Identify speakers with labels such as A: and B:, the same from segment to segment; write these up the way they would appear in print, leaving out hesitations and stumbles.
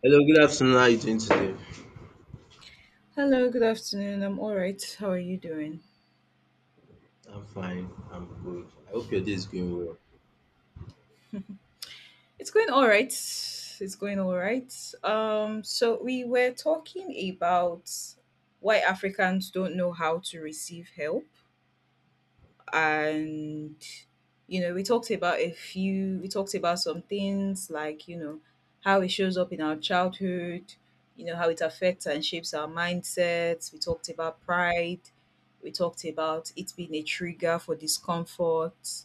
A: Hello, good afternoon. How are you doing today?
B: Hello, good afternoon. I'm all right. How are you doing?
A: I'm fine. I'm good. I hope your day is going well.
B: It's going all right. It's going all right. So we were talking about why Africans don't know how to receive help, and we talked about a few. We talked about some things like how it shows up in our childhood, you know how it affects and shapes our mindsets. We talked about pride. We talked about it being a trigger for discomfort.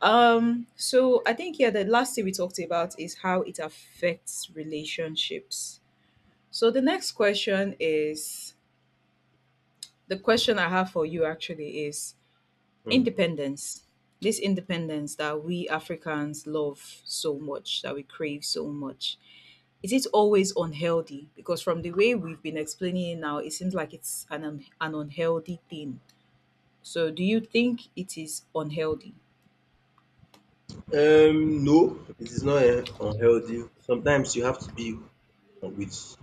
B: So I think, yeah, the last thing we talked about is how it affects relationships. So the next question is, the question I have for you actually is
A: Hmm.
B: independence. This independence that we Africans love so much, that we crave so much. Is it always unhealthy? Because from the way we've been explaining it now, it seems like it's an unhealthy thing. So do you think it is unhealthy?
A: No, it is not unhealthy. Sometimes you have to be with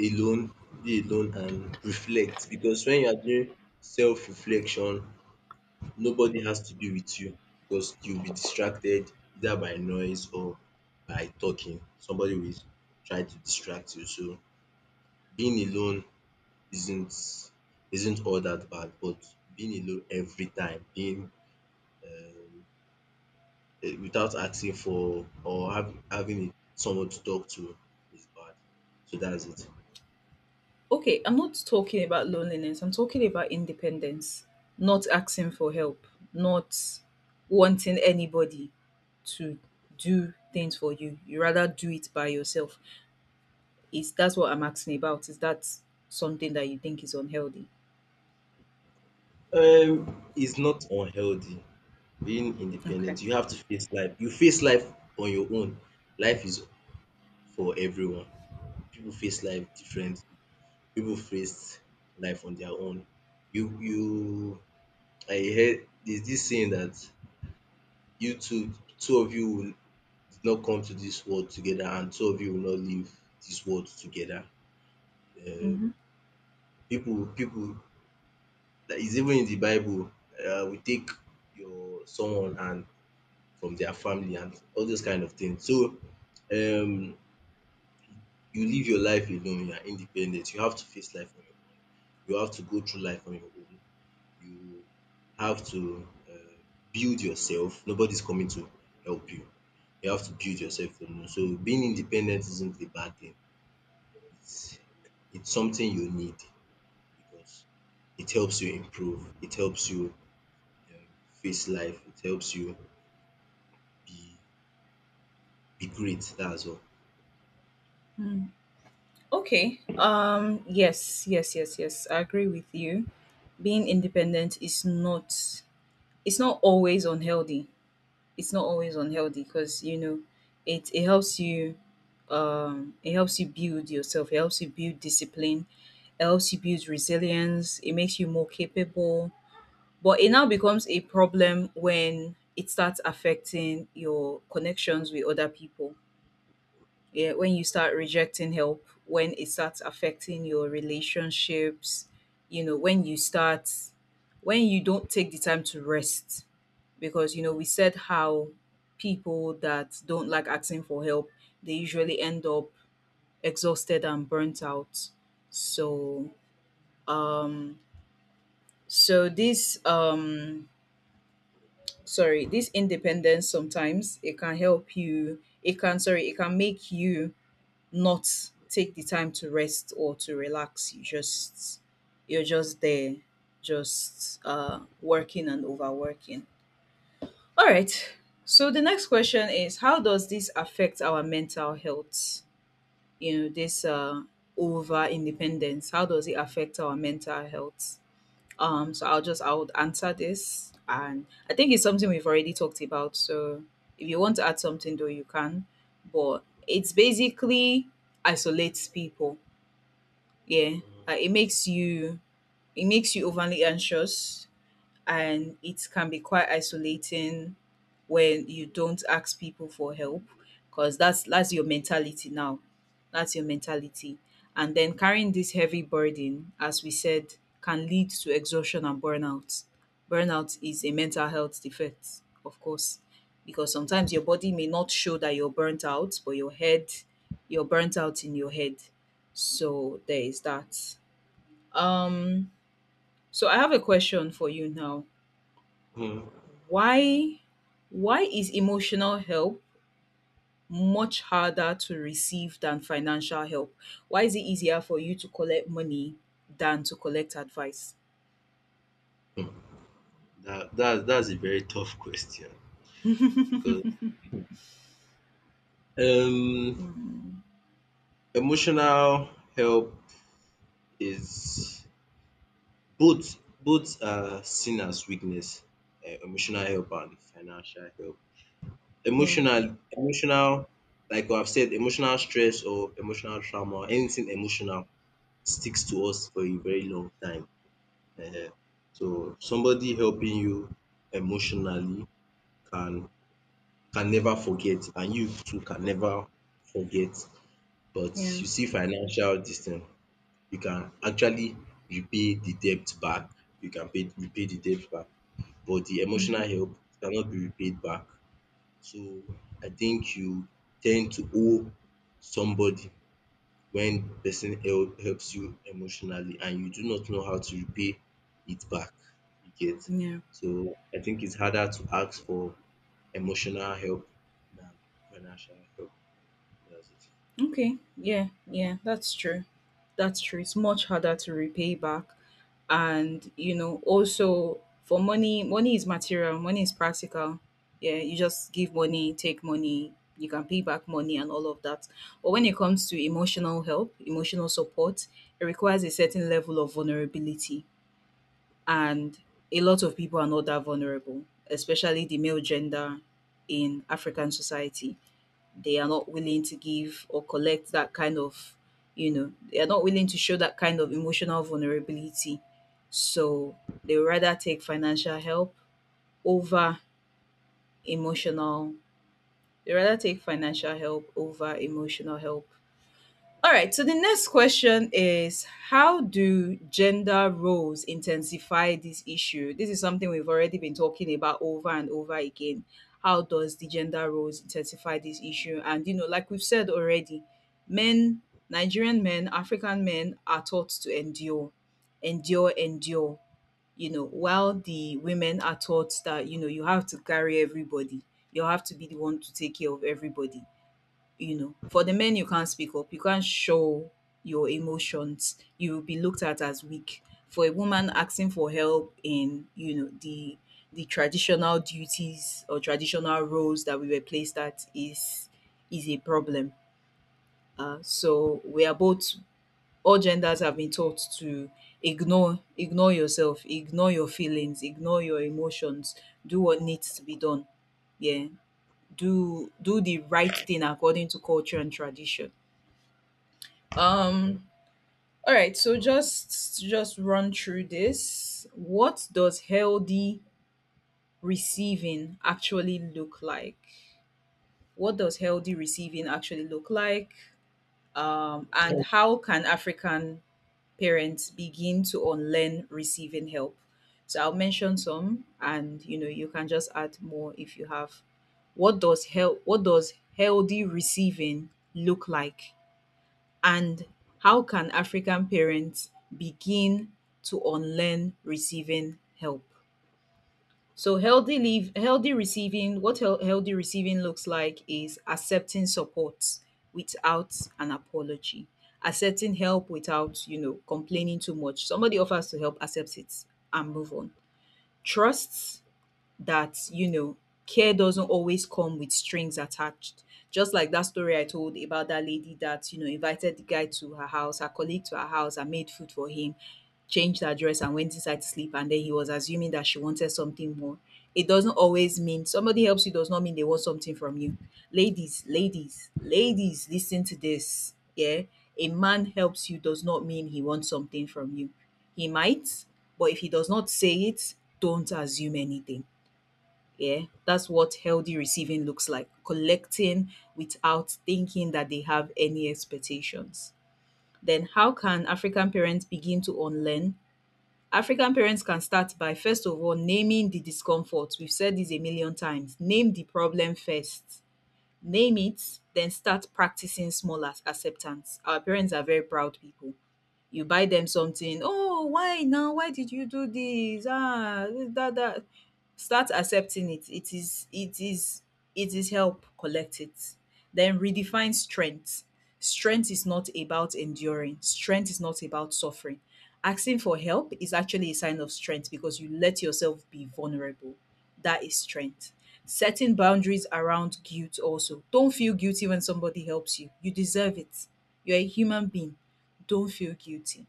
A: alone, be alone and reflect because when you are doing self-reflection, nobody has to be with you because you'll be distracted either by noise or by talking. Somebody will try to distract you. So being alone isn't isn't all that bad, but being alone every time, being um, without asking for or having someone to talk to is bad. So that's it.
B: Okay, I'm not talking about loneliness. I'm talking about independence, not asking for help, not wanting anybody to do things for you. You rather do it by yourself. Is that's what I'm asking about? Is that something that you think is unhealthy?
A: It's not unhealthy being
B: Okay.
A: independent. You have to face life. You face life on your own. Life is for everyone. People face life different. People face life on their own. You I heard there's this saying that you two two of you will did not come to this world together and two of you will not leave this world together.
B: Mm-hmm.
A: Um, people, people, that is even in the Bible, we take your someone and from their family and all those kind of things. So, um, you live your life alone. You are independent. You have to face life on your own. You have to go through life on your own. You have to build yourself. Nobody's coming to help you. You have to build yourself alone. So being independent isn't a bad thing. it's it's something you need because it helps you improve, it helps you um, face life, it helps you be be great. That's all.
B: Okay. Yes, yes, yes, yes. I agree with you. Being independent is not, it's not always unhealthy. It's not always unhealthy because it it helps you it helps you build yourself, it helps you build discipline, it helps you build resilience, it makes you more capable. But it now becomes a problem when it starts affecting your connections with other people, yeah, when you start rejecting help, when it starts affecting your relationships, when when you don't take the time to rest, because, we said how people that don't like asking for help, they usually end up exhausted and burnt out. So, um, so this, um, this independence sometimes it can help you, it can make you not take the time to rest or to relax. You're just there, just working and overworking. All right. So the next question is, how does this affect our mental health? This over independence, how does it affect our mental health? So I would answer this, and I think it's something we've already talked about. So if you want to add something though, you can. But it's basically isolates people, yeah, uh, it makes you it makes you overly anxious, and it can be quite isolating when you don't ask people for help, because that's your mentality now, that's your mentality. And then, carrying this heavy burden, as we said, can lead to exhaustion and burnout. Burnout is a mental health defect, of course, because sometimes your body may not show that you're burnt out, but your head, you're burnt out in your head. So there is that. Um so I have a question for you now.
A: Hmm.
B: Why why is emotional help much harder to receive than financial help? Why is it easier for you to collect money than to collect advice?
A: That's a very tough question because um
B: Mm,
A: emotional help is both are seen as weakness. Emotional help and financial help.
B: yeah,
A: Emotional like I've said, emotional stress or emotional trauma, anything emotional sticks to us for a very long time. um So somebody helping you emotionally can can never forget and you too can never forget. But
B: yeah,
A: you see financial dis thing, you can actually repay the debt back, you can pay repay the debt back but the
B: hmm,
A: emotional help cannot be repaid back. So I think you tend to owe somebody when person helps you emotionally and you do not know how to repay it back, you get.
B: yeah.
A: So I think it's harder to ask for emotional help than financial help. That's it.
B: Okay. Yeah. Yeah. That's true. That's true. It's much harder to repay back. And, also for money, money is material, money is practical. Yeah. You just give money, take money, you can pay back money and all of that. But when it comes to emotional help, emotional support, it requires a certain level of vulnerability. And a lot of people are not that vulnerable, especially the male gender in African society. They are not willing to give or collect that kind of, they are not willing to show that kind of emotional vulnerability, so they would rather take financial help over emotional. They rather take financial help over emotional help. All right, so the next question is, how do gender roles intensify this issue? This is something we've already been talking about over and over again. How does the gender roles intensify this issue? And, like we've said already, men, Nigerian men, African men are taught to endure, endure, endure. While the women are taught that, you have to carry everybody, you have to be the one to take care of everybody. For the men, you can't speak up, you can't show your emotions, you will be looked at as weak. For a woman, asking for help in, the traditional duties or traditional roles that we were placed at, is a problem. So we are both, all genders have been taught to ignore yourself, ignore your feelings, ignore your emotions, do what needs to be done, yeah, do the right thing according to culture and tradition. um all right, so just run through this. What does healthy receiving actually look like? What does healthy receiving actually look like? And how can African parents begin to unlearn receiving help? So I'll mention some, and you can just add more if you have. What does help? What does healthy receiving look like? And how can African parents begin to unlearn receiving help? So healthy leave healthy receiving what hel- healthy receiving looks like is accepting support without an apology. Accepting help without, complaining too much. Somebody offers to help, accepts it, and move on. Trusts that care doesn't always come with strings attached. Just like that story I told about that lady that invited the guy to her house, her colleague, to her house, and made food for him, changed her dress, and went inside to sleep, and then he was assuming that she wanted something more. It doesn't always mean, somebody helps you does not mean they want something from you. Ladies, ladies, ladies, listen to this. Yeah, a man helps you does not mean he wants something from you. He might, but if he does not say it, don't assume anything. Yeah, that's what healthy receiving looks like: collecting without thinking that they have any expectations. Then, how can African parents begin to unlearn? African parents can start by, first of all, naming the discomfort. We've said this a million times. Name the problem first, name it, then start practicing small as acceptance. Our parents are very proud people. You buy them something, oh, why now, why did you do this? Ah, That, start accepting it. It is help, collect it. Then redefine strength. Strength is not about enduring, strength is not about suffering. Asking for help is actually a sign of strength because you let yourself be vulnerable. That is strength. Setting boundaries around guilt also. Don't feel guilty when somebody helps you. You deserve it. You're a human being. Don't feel guilty.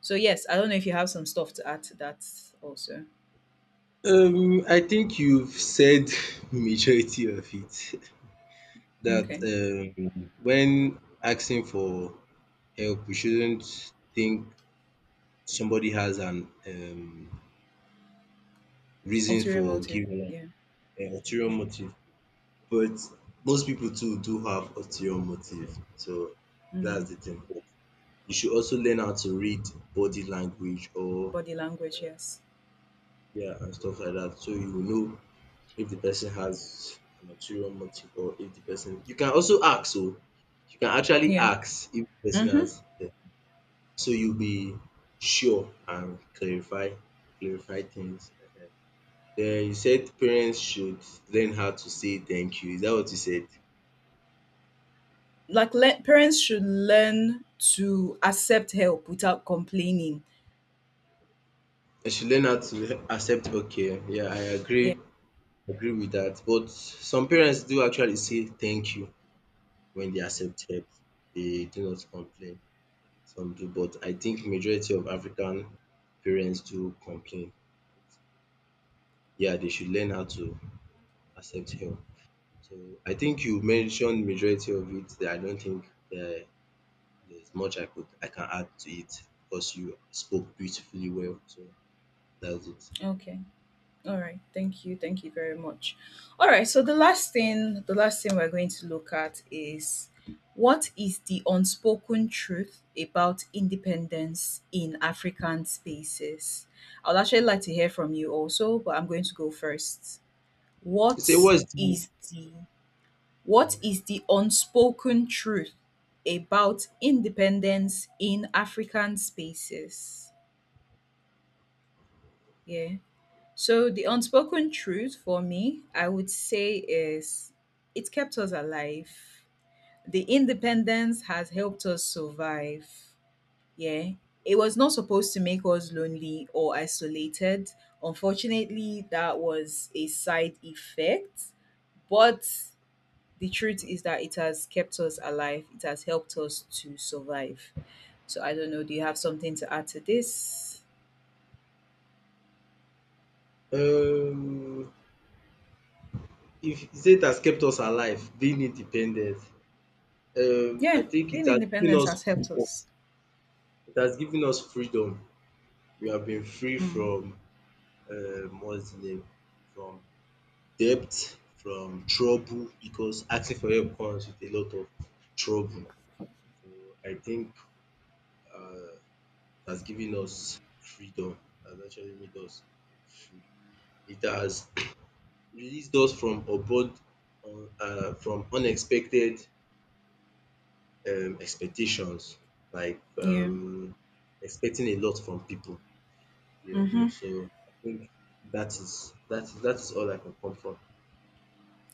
B: So yes, I don't know if you have some stuff to add to that also.
A: I think you've said majority of it. That
B: Okay.
A: when asking for help, we shouldn't think somebody has an reason
B: Ulterior
A: for
B: motive.
A: giving
B: Yeah.
A: an ulterior
B: Mm.
A: motive. But most people too do have ulterior motive, so
B: Mm.
A: that's the thing. You should also learn how to read body language or
B: Body language, yes.
A: yeah, and stuff like that so you will know if the person has an ulterior motive or if the person you can also ask so you can actually
B: Yeah.
A: ask if the person
B: Mm-hmm.
A: has so you'll be sure and clarify things. Den you said parents should learn how to say thank you, is that what you said?
B: Like, parents should learn to accept help without complaining.
A: They should learn how to accept okay. Yeah, I
B: Yeah.
A: agree with that. But some parents do actually say thank you when they accept help. They do not complain. Some do, but I think majority of African parents do complain. Yeah, they should learn how to accept help. So I think you mentioned majority of it. I don't think there there's much I can add to it because you spoke beautifully well. So that's it.
B: Okay. All right, thank you very much. All right, so the last thing we're going to look at is, what is the unspoken truth about independence in African spaces? I'd actually like to hear from you also, but I'm going to go first.
A: You Say
B: What
A: what's the
B: is the what
A: eh,
B: is the unspoken truth about independence in African spaces? Yeah. So the unspoken truth for me, I would say, is it kept us alive. The independence has helped us survive. Yeah. It was not supposed to make us lonely or isolated. Unfortunately, that was a side effect. But the truth is that it has kept us alive. It has helped us to survive. So I don't know, do you have something to add to this?
A: um If you it has kept us alive, being independent, I
B: Yeah,
A: think it
B: being
A: has given
B: independent
A: us
B: has helped
A: freedom.
B: us.
A: It has given us freedom. We have been free
B: Mm,
A: from what's the name? From debt, from trouble, because asking for help comes with a lot of trouble. So I think it has given us freedom. It has actually made us free. It has released us from abroad, from unexpected expectations, like
B: yeah.
A: expecting a lot from people. Yeah, you know,
B: Mm-hmm.
A: so I think that is that is all I can come from.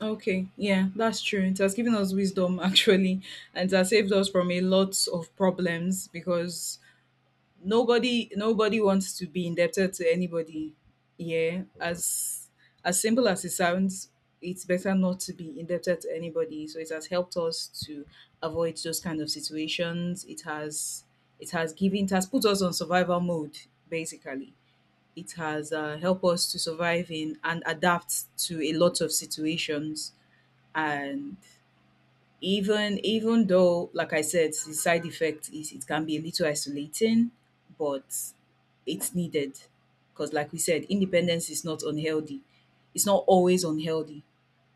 B: Okay. Yeah, that's true. It has given us wisdom, actually, and it has saved us from a lot of problems because nobody wants to be indebted to anybody. Yeah, as simple as it sounds, it's better not to be indebted to anybody. So it has helped us to avoid those kind of situations. It has put us on survival mode, basically. It has helped us to survive in and adapt to a lot of situations. And even though, like I said, the side effect is it can be a little isolating, but it's needed, because like we said, independence is not unhealthy, it's not always unhealthy.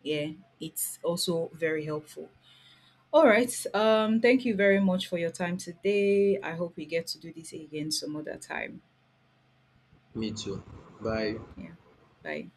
B: Yeah, it's also very helpful. All right, thank you very much for your time today. I hope we get to do this again some other time.
A: Me too. Bye.
B: Yeah, bye.